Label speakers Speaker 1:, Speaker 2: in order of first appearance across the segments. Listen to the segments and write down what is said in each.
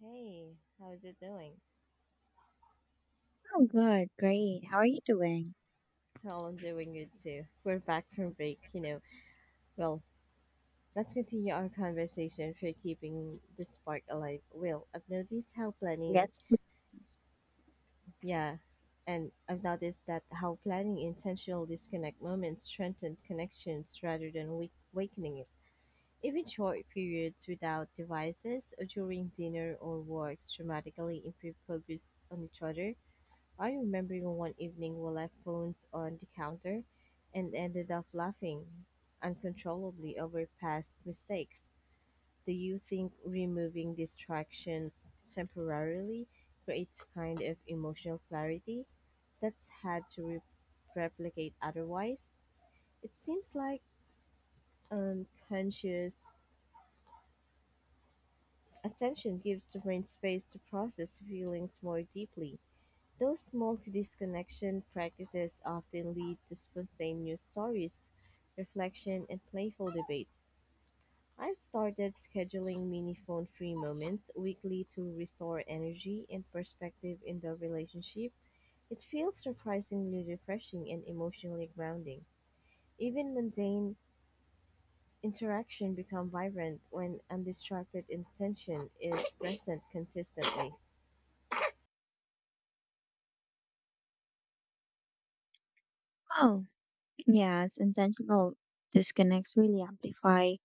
Speaker 1: Hey, how's it doing?
Speaker 2: Oh, good, great. How are you doing?
Speaker 1: Well, I'm doing good too. We're back from break, you know. Well, let's continue our conversation for keeping the spark alive. Well, I've noticed how planning,
Speaker 2: Yes, please.
Speaker 1: yeah, and I've noticed that how planning intentional disconnect moments strengthen connections rather than weakening it. Even short periods without devices or during dinner or work dramatically improve focus on each other. I remember one evening we left phones on the counter and ended up laughing uncontrollably over past mistakes. Do you think removing distractions temporarily creates kind of emotional clarity that's hard to replicate otherwise? It seems like unconscious attention gives the brain space to process feelings more deeply. Those small disconnection practices often lead to spontaneous stories, reflection, and playful debates. I've started scheduling mini phone free moments weekly to restore energy and perspective in the relationship. It feels surprisingly refreshing and emotionally grounding. Even mundane interaction become vibrant when undistracted intention is present consistently.
Speaker 2: Oh, yes, intentional disconnects really amplify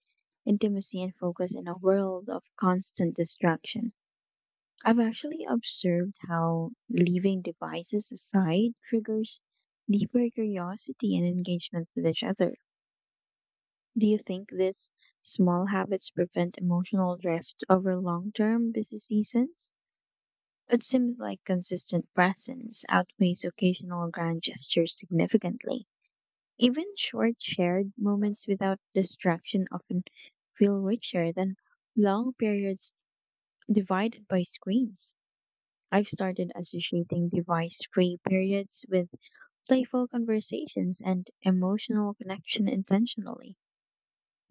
Speaker 2: intimacy and focus in a world of constant distraction. I've actually observed how leaving devices aside triggers deeper curiosity and engagement with each other. Do you think these small habits prevent emotional drift over long-term busy seasons? It seems like consistent presence outweighs occasional grand gestures significantly. Even short shared moments without distraction often feel richer than long periods divided by screens. I've started associating device free periods with playful conversations and emotional connection intentionally.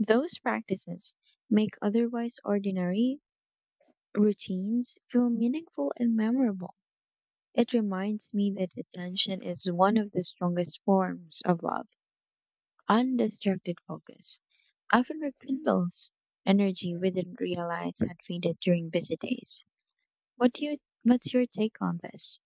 Speaker 2: Those practices make otherwise ordinary routines feel meaningful and memorable. It reminds me that attention is one of the strongest forms of love. Undistracted focus often rekindles energy we didn't realize had faded during busy days. What's your take on this?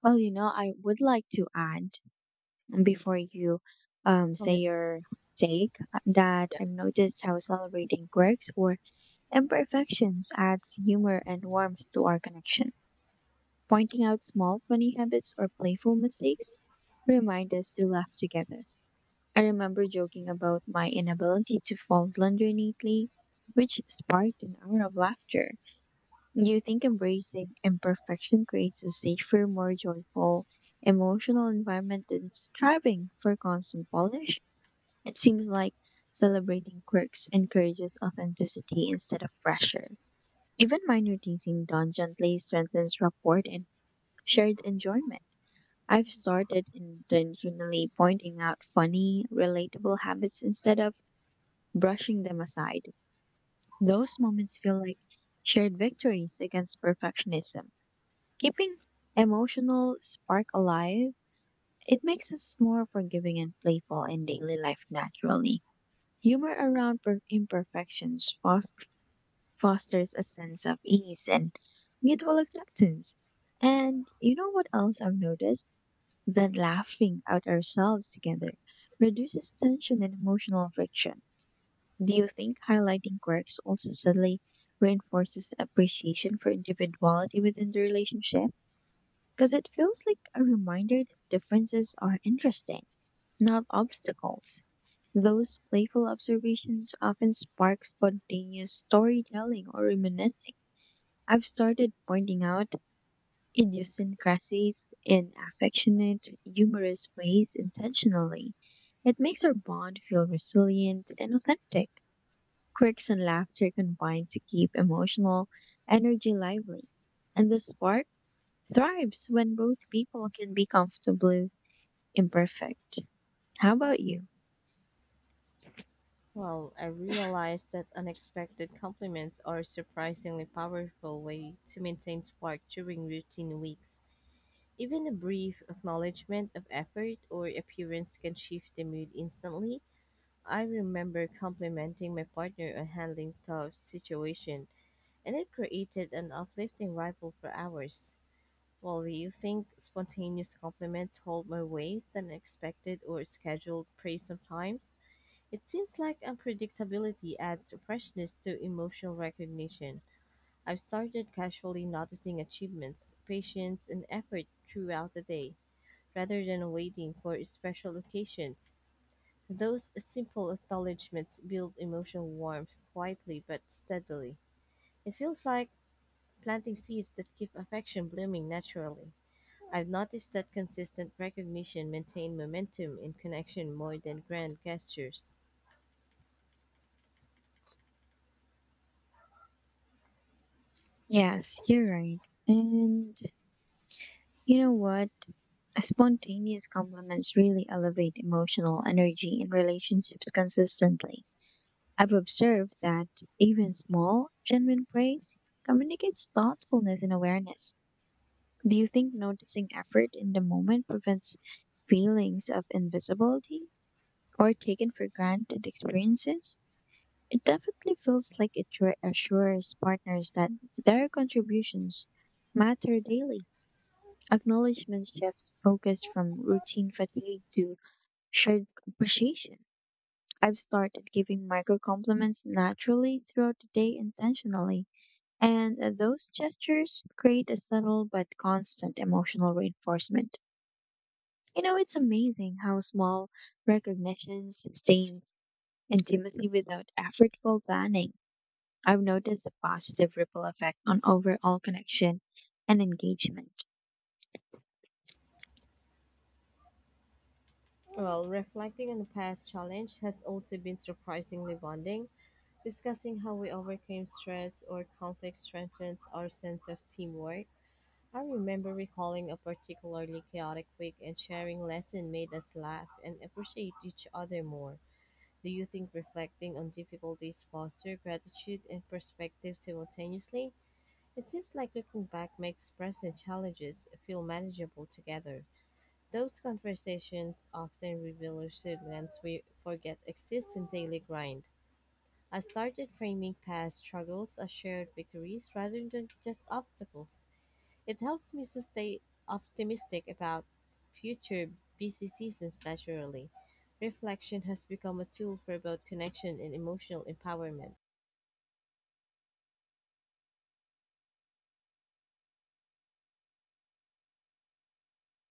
Speaker 2: Well, you know, I would like to add, before you say your take, that I've noticed how celebrating quirks or imperfections adds humor and warmth to our connection. Pointing out small funny habits or playful mistakes remind us to laugh together. I remember joking about my inability to fold laundry neatly, which sparked an hour of laughter. Do you think embracing imperfection creates a safer, more joyful, emotional environment than striving for constant polish? It seems like celebrating quirks encourages authenticity instead of pressure. Even minor teasing done gently strengthens rapport and shared enjoyment. I've started intentionally pointing out funny, relatable habits instead of brushing them aside. Those moments feel like shared victories against perfectionism. Keeping emotional spark alive, it makes us more forgiving and playful in daily life naturally. Humor around imperfections fosters a sense of ease and mutual acceptance. And you know what else I've noticed? Then laughing at ourselves together reduces tension and emotional friction. Do you think highlighting quirks also subtly reinforces appreciation for individuality within the relationship? Because it feels like a reminder that differences are interesting, not obstacles. Those playful observations often spark spontaneous storytelling or reminiscing. I've started pointing out idiosyncrasies in affectionate, humorous ways intentionally. It makes our bond feel resilient and authentic. Quirks and laughter combine to keep emotional energy lively, and the spark thrives when both people can be comfortably imperfect. How about you?
Speaker 1: Well, I realized that unexpected compliments are a surprisingly powerful way to maintain spark during routine weeks. Even a brief acknowledgement of effort or appearance can shift the mood instantly. I remember complimenting my partner on handling tough situation, and it created an uplifting ripple for hours. Well, do you think spontaneous compliments hold more weight than expected or scheduled praise sometimes? It seems like unpredictability adds freshness to emotional recognition. I've started casually noticing achievements, patience, and effort throughout the day, rather than waiting for special occasions. Those simple acknowledgments build emotional warmth quietly but steadily. It feels like planting seeds that keep affection blooming naturally. I've noticed that consistent recognition maintains momentum in connection more than grand gestures.
Speaker 2: Yes, you're right. And you know what? Spontaneous compliments really elevate emotional energy in relationships consistently. I've observed that even small, genuine praise communicates thoughtfulness and awareness. Do you think noticing effort in the moment prevents feelings of invisibility or taken for granted experiences? It definitely feels like it reassures partners that their contributions matter daily. Acknowledgement shifts focus from routine fatigue to shared appreciation. I've started giving micro compliments naturally throughout the day intentionally, and those gestures create a subtle but constant emotional reinforcement. You know, it's amazing how small recognition sustains intimacy without effortful planning. I've noticed a positive ripple effect on overall connection and engagement.
Speaker 1: Well, reflecting on the past challenge has also been surprisingly bonding. Discussing how we overcame stress or conflict strengthens our sense of teamwork. I remember recalling a particularly chaotic week and sharing lesson made us laugh and appreciate each other more. Do you think reflecting on difficulties foster gratitude and perspective simultaneously? It seems like looking back makes present challenges feel manageable together. Those conversations often reveal resilience we forget exists in daily grind. I started framing past struggles as shared victories rather than just obstacles. It helps me to stay optimistic about future busy seasons naturally. Reflection has become a tool for both connection and emotional empowerment.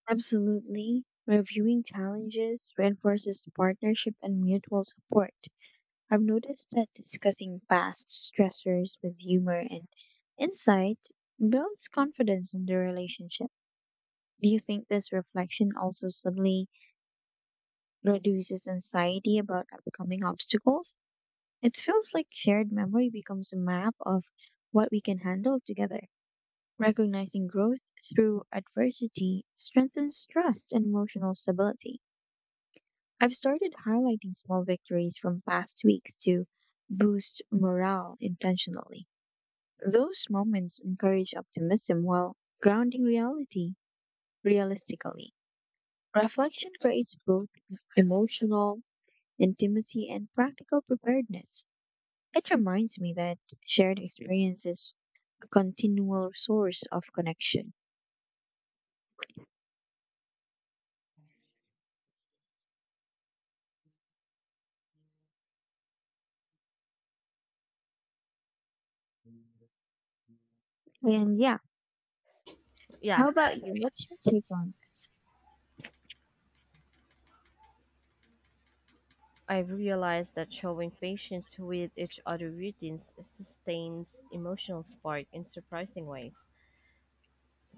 Speaker 2: Absolutely. Reviewing challenges reinforces partnership and mutual support. I've noticed that discussing past stressors with humor and insight builds confidence in the relationship. Do you think this reflection also subtly reduces anxiety about upcoming obstacles? It feels like shared memory becomes a map of what we can handle together. Recognizing growth through adversity strengthens trust and emotional stability. I've started highlighting small victories from past weeks to boost morale intentionally. Those moments encourage optimism while grounding reality realistically. Reflection creates both emotional intimacy and practical preparedness. It reminds me that shared experience is a continual source of connection. And yeah,
Speaker 1: Yeah,
Speaker 2: how about you? What's your take on this?
Speaker 1: I've realized that showing patience with each other routines sustains emotional spark in surprising ways.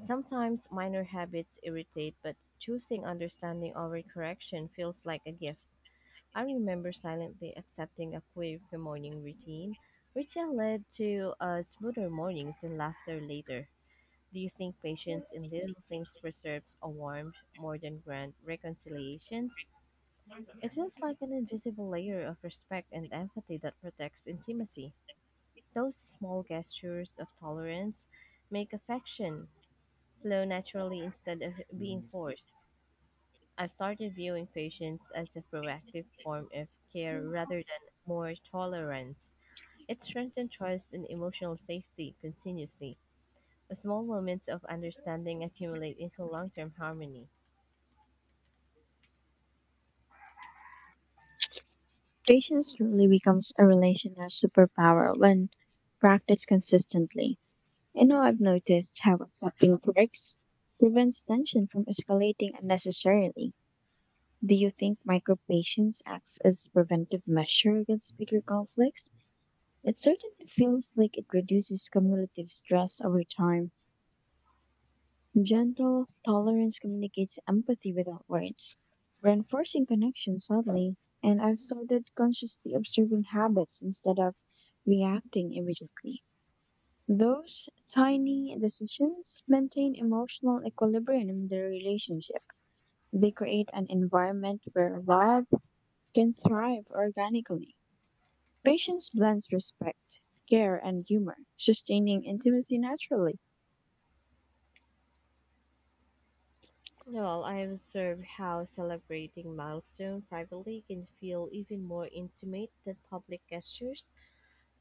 Speaker 1: Sometimes minor habits irritate, but choosing understanding over correction feels like a gift. I remember silently accepting a quirky morning routine, which led to smoother mornings and laughter later. Do you think patience in little things preserves a warmth more than grand reconciliations? It feels like an invisible layer of respect and empathy that protects intimacy. Those small gestures of tolerance make affection flow naturally instead of being forced. I've started viewing patients as a proactive form of care rather than more tolerance. It strengthens trust and emotional safety continuously. Small moments of understanding accumulate into long term harmony.
Speaker 2: Patience really becomes a relational superpower when practiced consistently. You know, I've noticed how accepting quirks prevents tension from escalating unnecessarily. Do you think micropatience acts as preventive measure against bigger conflicts? It certainly feels like it reduces cumulative stress over time. Gentle tolerance communicates empathy without words, reinforcing connection subtly. And I've started consciously observing habits instead of reacting immediately. Those tiny decisions maintain emotional equilibrium in the relationship. They create an environment where love can thrive organically. Patience blends respect, care, and humor, sustaining intimacy naturally.
Speaker 1: Well, I observe how celebrating milestone privately can feel even more intimate than public gestures.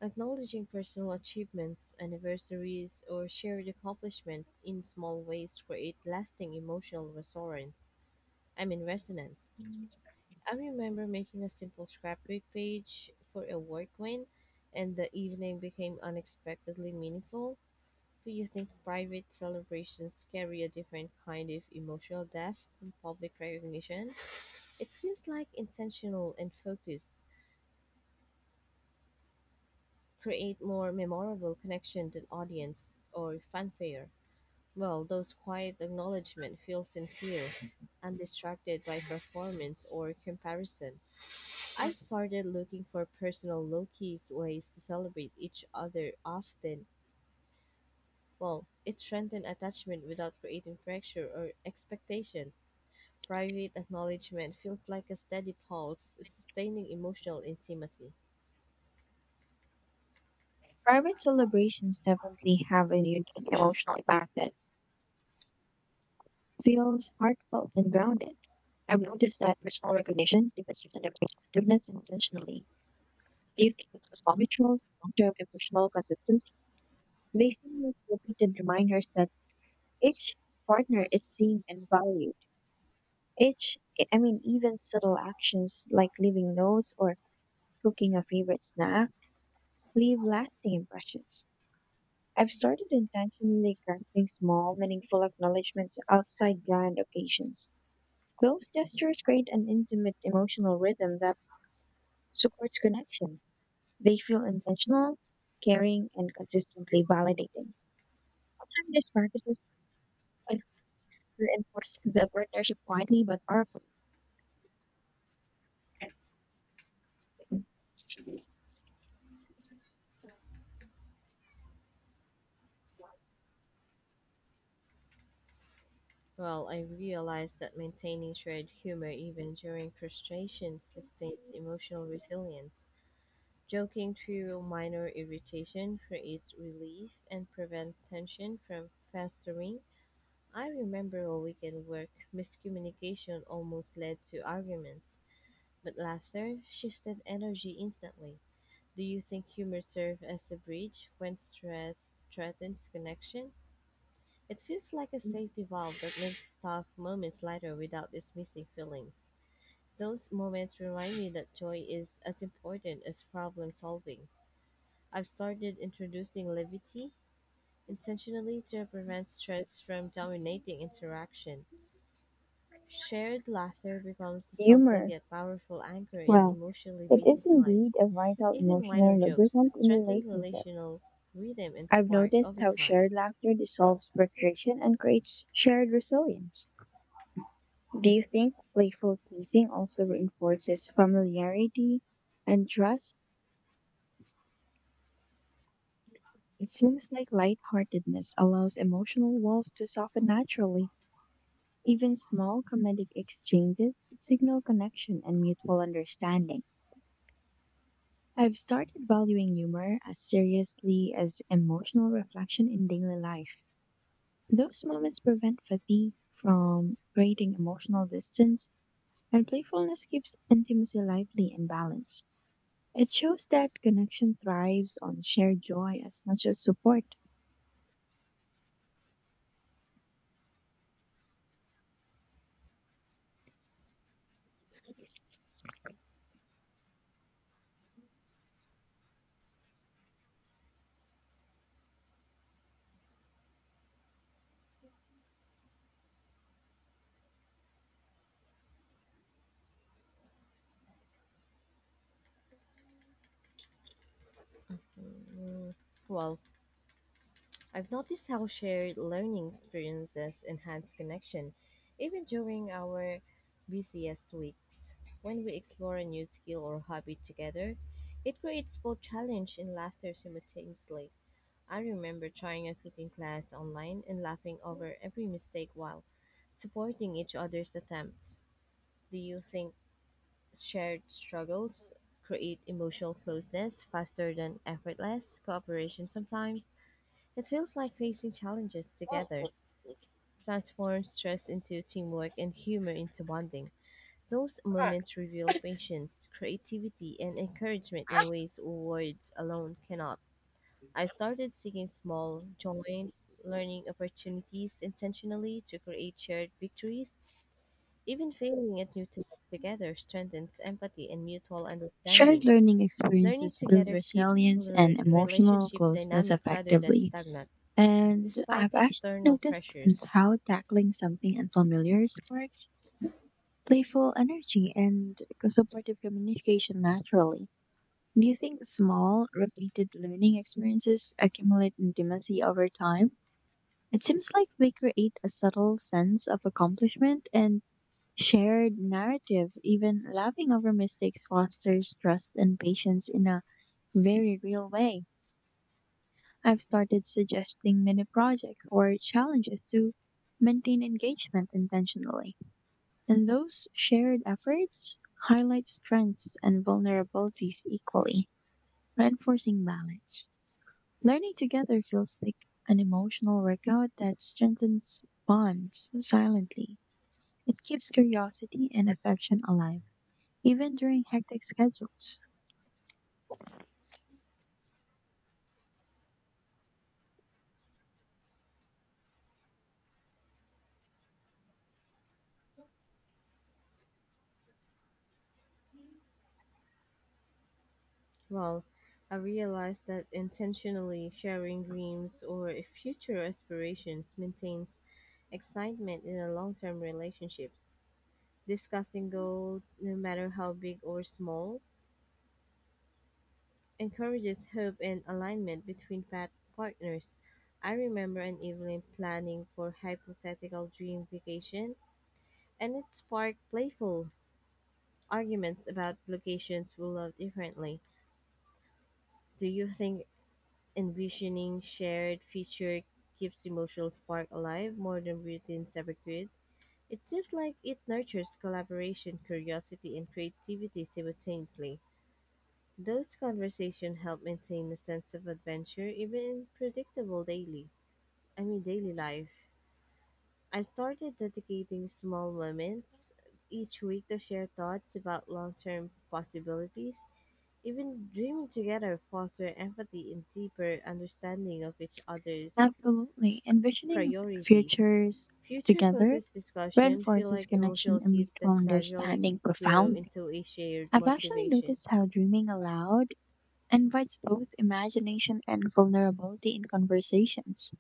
Speaker 1: Acknowledging personal achievements, anniversaries, or shared accomplishment in small ways create lasting emotional resonance. I mean resonance. I remember making a simple scrapbook page for a work win, and the evening became unexpectedly meaningful. Do you think private celebrations carry a different kind of emotional depth than public recognition? It seems like intentional and focus create more memorable connection than audience or fanfare. Well, those quiet acknowledgement feel sincere, undistracted by performance or comparison. I've started looking for personal low-key ways to celebrate each other often. Well, it strengthens attachment without creating pressure or expectation. Private acknowledgement feels like a steady pulse, sustaining emotional intimacy.
Speaker 2: Private celebrations definitely have a unique emotional impact that feels heartfelt and grounded. I've noticed that personal recognition demonstrates an effectiveness intentionally. Do you think this is rituals, long-term emotional consistency? They simulate repeated reminders that each partner is seen and valued. Each, Even subtle actions like leaving notes or cooking a favorite snack leave lasting impressions. I've started intentionally crafting small, meaningful acknowledgments outside grand occasions. Those gestures create an intimate emotional rhythm that supports connection. They feel intentional, caring, and consistently validating. Over time, these practices he reinforced the partnership quietly but powerfully.
Speaker 1: Well, I realized that maintaining shared humor even during frustration sustains emotional resilience. Joking through minor irritation creates relief and prevents tension from festering. I remember a weekend work miscommunication almost led to arguments, but laughter shifted energy instantly. Do you think humor serves as a bridge when stress threatens connection? It feels like a safety valve that makes tough moments lighter without dismissing feelings. Those moments remind me that joy is as important as problem solving. I've started introducing levity intentionally to prevent stress from dominating interaction. Shared laughter becomes a subtle
Speaker 2: Humor.
Speaker 1: yet powerful anchor in
Speaker 2: Well,
Speaker 1: emotionally
Speaker 2: it
Speaker 1: busy
Speaker 2: is
Speaker 1: times.
Speaker 2: indeed a vital
Speaker 1: Even minor
Speaker 2: emotional
Speaker 1: jokes
Speaker 2: lubricant in
Speaker 1: strengthen
Speaker 2: relationships.
Speaker 1: relational rhythm and
Speaker 2: I've
Speaker 1: spark
Speaker 2: noticed
Speaker 1: over
Speaker 2: how
Speaker 1: time.
Speaker 2: shared laughter dissolves frustration and creates shared resilience. Do you think playful teasing also reinforces familiarity and trust? It seems like lightheartedness allows emotional walls to soften naturally. Even small comedic exchanges signal connection and mutual understanding. I've started valuing humor as seriously as emotional reflection in daily life. Those moments prevent fatigue from creating emotional distance, and playfulness keeps intimacy lively and balanced. It shows that connection thrives on shared joy as much as support.
Speaker 1: Mm, well, I've noticed how shared learning experiences enhance connection, even during our busiest weeks. When we explore a new skill or hobby together, it creates both challenge and laughter simultaneously. I remember trying a cooking class online and laughing over every mistake while supporting each other's attempts. Do you think shared struggles create emotional closeness faster than effortless cooperation sometimes? It feels like facing challenges together transforms stress into teamwork and humor into bonding. Those moments reveal patience, creativity, and encouragement in ways words alone cannot. I started seeking small, joint learning opportunities intentionally to create shared victories. Even failing at new tasks together strengthens empathy and mutual
Speaker 2: Shared
Speaker 1: understanding.
Speaker 2: learning
Speaker 1: Learning
Speaker 2: experiences build
Speaker 1: together keeps the
Speaker 2: resilience and emotional
Speaker 1: relationship
Speaker 2: closeness
Speaker 1: dynamic rather than
Speaker 2: effectively.
Speaker 1: stagnant,
Speaker 2: And
Speaker 1: despite
Speaker 2: I've actually
Speaker 1: external
Speaker 2: noticed
Speaker 1: pressures.
Speaker 2: how tackling something unfamiliar sparks playful energy and supportive communication naturally. Do you think small, repeated learning experiences accumulate intimacy over time? It seems like they create a subtle sense of accomplishment and shared narrative. Even laughing over mistakes fosters trust and patience in a very real way. I've started suggesting mini projects or challenges to maintain engagement intentionally. And those shared efforts highlight strengths and vulnerabilities equally, reinforcing balance. Learning together feels like an emotional workout that strengthens bonds silently. It keeps curiosity and affection alive, even during hectic schedules.
Speaker 1: Well, I realized that intentionally sharing dreams or future aspirations maintains excitement in a long term relationships. Discussing goals, no matter how big or small, encourages hope and alignment between partners. I remember an evening planning for hypothetical dream vacation, and it sparked playful arguments about locations we love differently. Do you think envisioning shared future keeps the emotional spark alive more than routines ever could? It seems like it nurtures collaboration, curiosity, and creativity simultaneously. Those conversations help maintain a sense of adventure even in predictable daily, I mean daily life. I started dedicating small moments each week to share thoughts about long-term possibilities. Even dreaming together foster empathy and deeper understanding of each other's
Speaker 2: Absolutely. Envisioning
Speaker 1: priorities.
Speaker 2: futures together
Speaker 1: Future-focused discussion feel
Speaker 2: reinforces
Speaker 1: like
Speaker 2: connection
Speaker 1: emotional
Speaker 2: and
Speaker 1: seeds that
Speaker 2: mutual
Speaker 1: gradually
Speaker 2: understanding
Speaker 1: grow
Speaker 2: profoundly.
Speaker 1: into a shared
Speaker 2: I've actually
Speaker 1: motivation.
Speaker 2: noticed how dreaming aloud invites both imagination and vulnerability in conversations.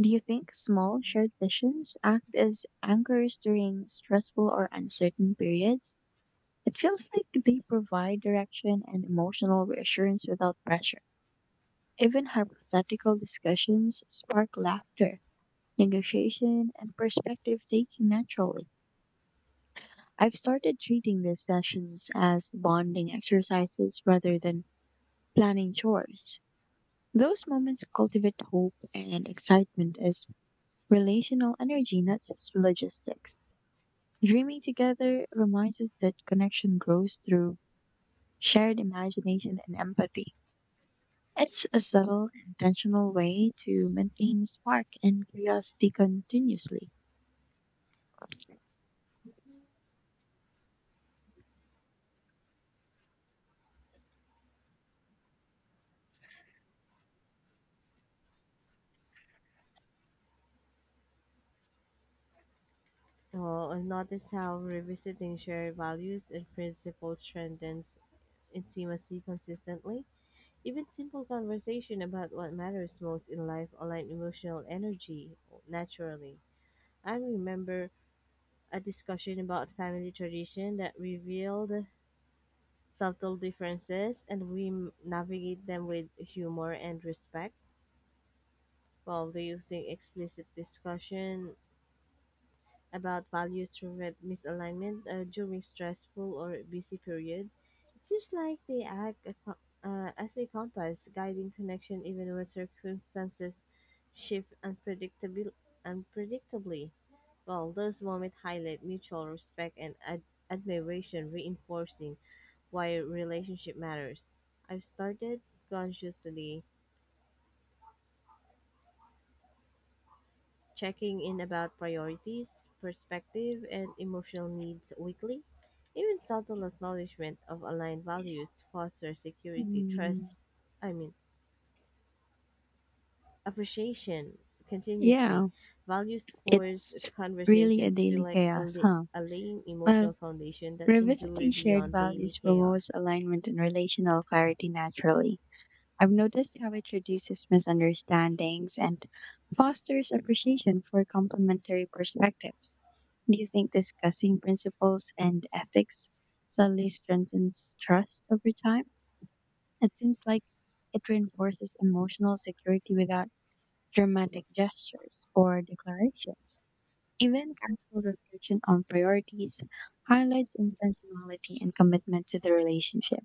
Speaker 2: Do you think small shared visions act as anchors during stressful or uncertain periods? It feels like they provide direction and emotional reassurance without pressure. Even hypothetical discussions spark laughter, negotiation, and perspective taking naturally. I've started treating these sessions as bonding exercises rather than planning chores. Those moments cultivate hope and excitement as relational energy, not just logistics. Dreaming together reminds us that connection grows through shared imagination and empathy. It's a subtle, intentional way to maintain spark and curiosity continuously.
Speaker 1: Oh, and notice how revisiting shared values and principles strengthens intimacy consistently. Even simple conversation about what matters most in life align emotional energy naturally. I remember a discussion about family tradition that revealed subtle differences and we navigate them with humor and respect. Well, do you think explicit discussion about values prevent misalignment during stressful or busy period? It seems like they act as a compass, guiding connection even when circumstances shift unpredictably. Well, those moments highlight mutual respect and admiration, reinforcing why relationship matters. I've started consciously checking in about priorities, perspective, and emotional needs weekly. Even subtle acknowledgement of aligned values fosters security,
Speaker 2: Mm,
Speaker 1: trust, I mean, appreciation continuously.
Speaker 2: yeah,
Speaker 1: Values force
Speaker 2: it's really a
Speaker 1: conversations feel
Speaker 2: daily
Speaker 1: like
Speaker 2: chaos, huh?
Speaker 1: a laying
Speaker 2: Well,
Speaker 1: emotional foundation that endure
Speaker 2: revisiting shared
Speaker 1: beyond daily
Speaker 2: values promotes
Speaker 1: chaos.
Speaker 2: alignment and relational clarity naturally. I've noticed how it reduces misunderstandings and fosters appreciation for complementary perspectives. Do you think discussing principles and ethics subtly strengthens trust over time? It seems like it reinforces emotional security without dramatic gestures or declarations. Even careful reflection on priorities highlights intentionality and commitment to the relationship.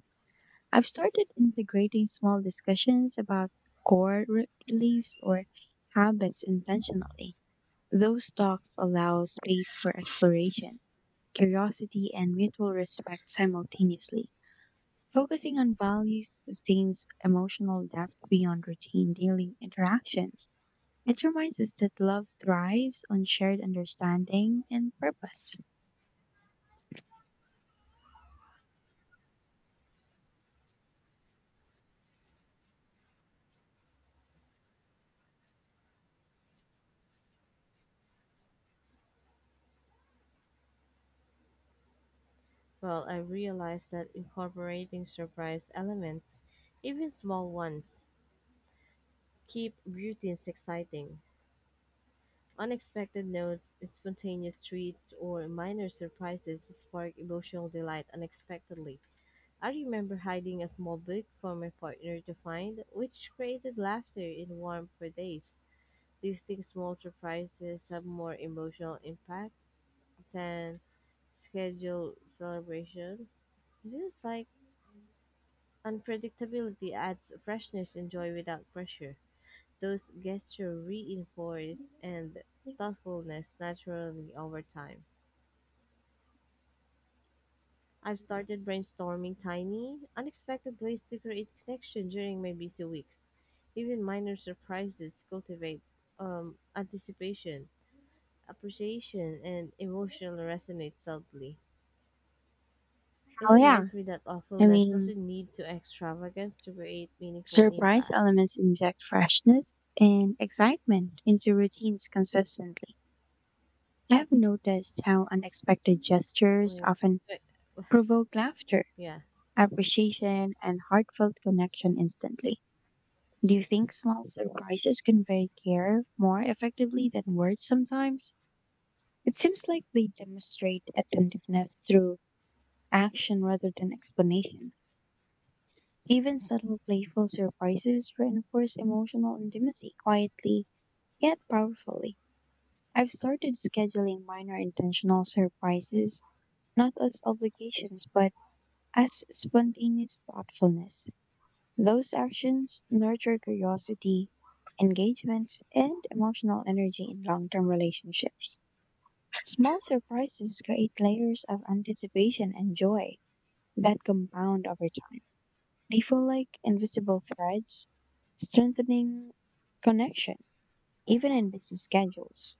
Speaker 2: I've started integrating small discussions about beliefs or habits intentionally. Those talks allow space for exploration, curiosity, and mutual respect simultaneously. Focusing on values sustains emotional depth beyond routine daily interactions. It reminds us that love thrives on shared understanding and purpose.
Speaker 1: Well, I realized that incorporating surprise elements, even small ones, keep routines exciting. Unexpected notes, spontaneous treats, or minor surprises spark emotional delight unexpectedly. I remember hiding a small book for my partner to find, which created laughter and warmth for days. Do you think small surprises have more emotional impact than scheduled celebration? It is like unpredictability adds freshness and joy without pressure. Those gestures reinforce and
Speaker 2: Oh
Speaker 1: thoughtfulness naturally over time. I've started brainstorming tiny, unexpected ways to create connection during my busy weeks. Even minor surprises cultivate anticipation, appreciation, and emotional resonate subtly. It
Speaker 2: yeah.
Speaker 1: reminds me that
Speaker 2: I
Speaker 1: awfulness
Speaker 2: mean,
Speaker 1: doesn't need to extravagance to create meaningful
Speaker 2: surprise
Speaker 1: impact.
Speaker 2: elements inject freshness and excitement into routines consistently. I've noticed how unexpected gestures
Speaker 1: Well,
Speaker 2: often
Speaker 1: but-
Speaker 2: provoke laughter,
Speaker 1: yeah,
Speaker 2: appreciation, and heartfelt connection instantly. Do you think small surprises convey care more effectively than words sometimes? It seems like they demonstrate attentiveness through action rather than explanation. Even subtle playful surprises reinforce emotional intimacy quietly yet powerfully. I've started scheduling minor intentional surprises not as obligations but as spontaneous thoughtfulness. Those actions nurture curiosity, engagement, and emotional energy in long term relationships. Small surprises create layers of anticipation and joy that compound over time. They feel like invisible threads, strengthening connection, even in busy schedules.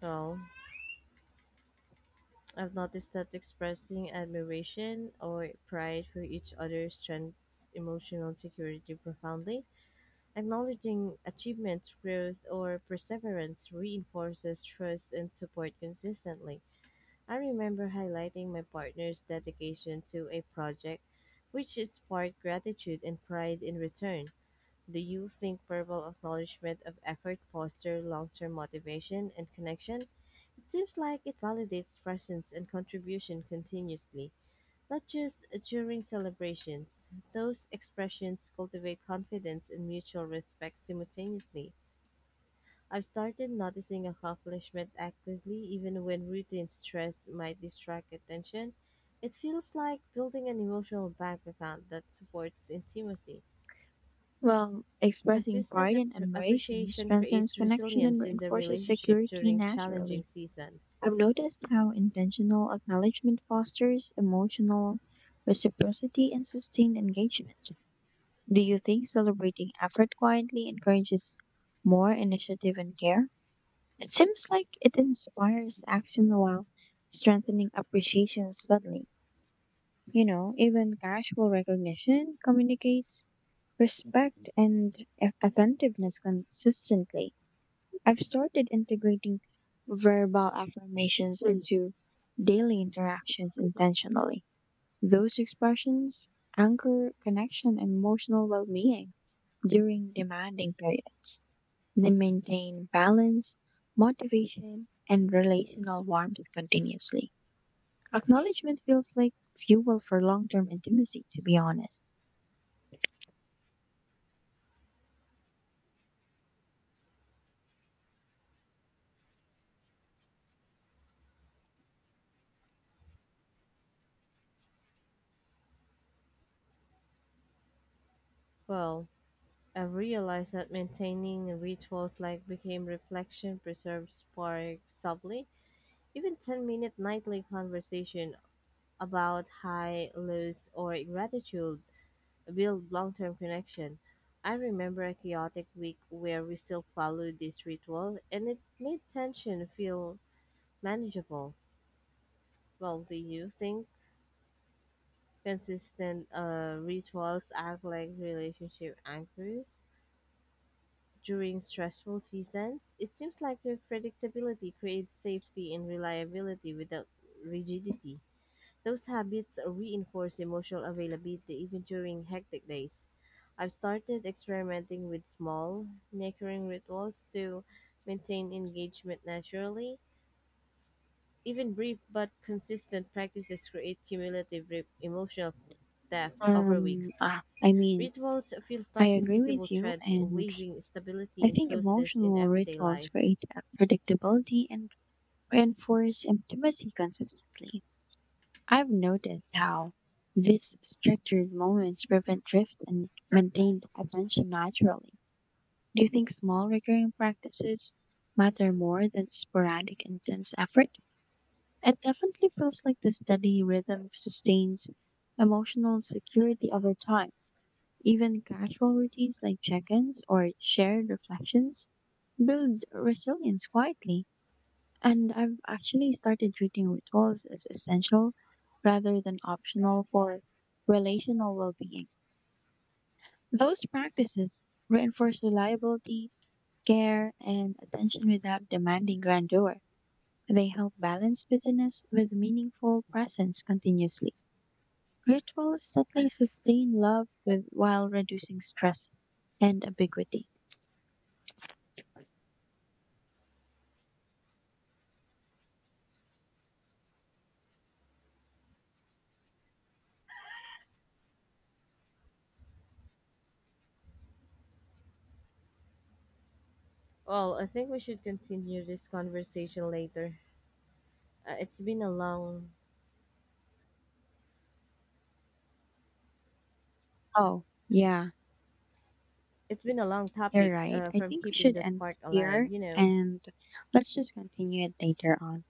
Speaker 1: well, I've noticed that expressing admiration or pride for each other strengthens emotional security profoundly. Acknowledging achievements, growth, or perseverance reinforces trust and support consistently. I remember highlighting my partner's dedication to a project, which sparked gratitude and pride in return. Do you think verbal acknowledgement of effort fosters long-term motivation and connection? It seems like it validates presence and contribution continuously, not just during celebrations. Those expressions cultivate confidence and mutual respect simultaneously. I've started noticing accomplishment actively even when routine stress might distract attention. It feels like building an emotional bank account that supports intimacy.
Speaker 2: Well, expressing
Speaker 1: Consistent
Speaker 2: pride and admiration
Speaker 1: appreciation
Speaker 2: strengthens
Speaker 1: creates
Speaker 2: connection and
Speaker 1: resilience in the
Speaker 2: reinforces
Speaker 1: relationship
Speaker 2: security
Speaker 1: during challenging
Speaker 2: naturally.
Speaker 1: seasons.
Speaker 2: I've noticed how intentional acknowledgement fosters emotional reciprocity and sustained engagement. Do you think celebrating effort quietly encourages more initiative and care? It seems like it inspires action while strengthening appreciation subtly. You know, even casual recognition communicates respect and attentiveness consistently. I've started integrating verbal affirmations into daily interactions intentionally. Those expressions anchor connection and emotional well being during demanding periods. They maintain balance, motivation, and relational warmth continuously. Acknowledgement feels like fuel for long term intimacy, to be honest.
Speaker 1: Well, I've realized that maintaining rituals like became reflection preserves spark subtly. Even 10-minute nightly conversation about high, lows, or gratitude build long term connection. I remember a chaotic week where we still followed this ritual and it made tension feel manageable. Well, do you think consistent rituals act like relationship anchors during stressful seasons? It seems like their predictability creates safety and reliability without rigidity. Those habits reinforce emotional availability even during hectic days. I've started experimenting with small, recurring rituals to maintain engagement naturally. Even brief but consistent practices create cumulative emotional depth over weeks.
Speaker 2: Um, ah, I mean,
Speaker 1: Rituals feels
Speaker 2: I
Speaker 1: like
Speaker 2: agree
Speaker 1: invisible
Speaker 2: with you,
Speaker 1: threads
Speaker 2: and
Speaker 1: weaving stability
Speaker 2: I
Speaker 1: and
Speaker 2: think
Speaker 1: closeness in
Speaker 2: emotional
Speaker 1: everyday
Speaker 2: rituals
Speaker 1: life.
Speaker 2: create a predictability and reinforce intimacy consistently. I've noticed how these structured moments prevent drift and maintain attention naturally. Do you think small recurring practices matter more than sporadic intense effort? It definitely feels like the steady rhythm sustains emotional security over time. Even casual routines like check ins or shared reflections build resilience quietly. And I've actually started treating rituals as essential rather than optional for relational well being. Those practices reinforce reliability, care, and attention without demanding grandeur. They help balance busyness with meaningful presence continuously. Rituals subtly sustain love with, while reducing stress and ambiguity.
Speaker 1: Well, I think we should continue this conversation later. Uh, it's been a long,
Speaker 2: Oh, yeah,
Speaker 1: it's been a long topic
Speaker 2: you're right. I
Speaker 1: from
Speaker 2: think we
Speaker 1: keeping
Speaker 2: should
Speaker 1: the
Speaker 2: end
Speaker 1: spark alive,
Speaker 2: here
Speaker 1: you know.
Speaker 2: and let's just continue it later on.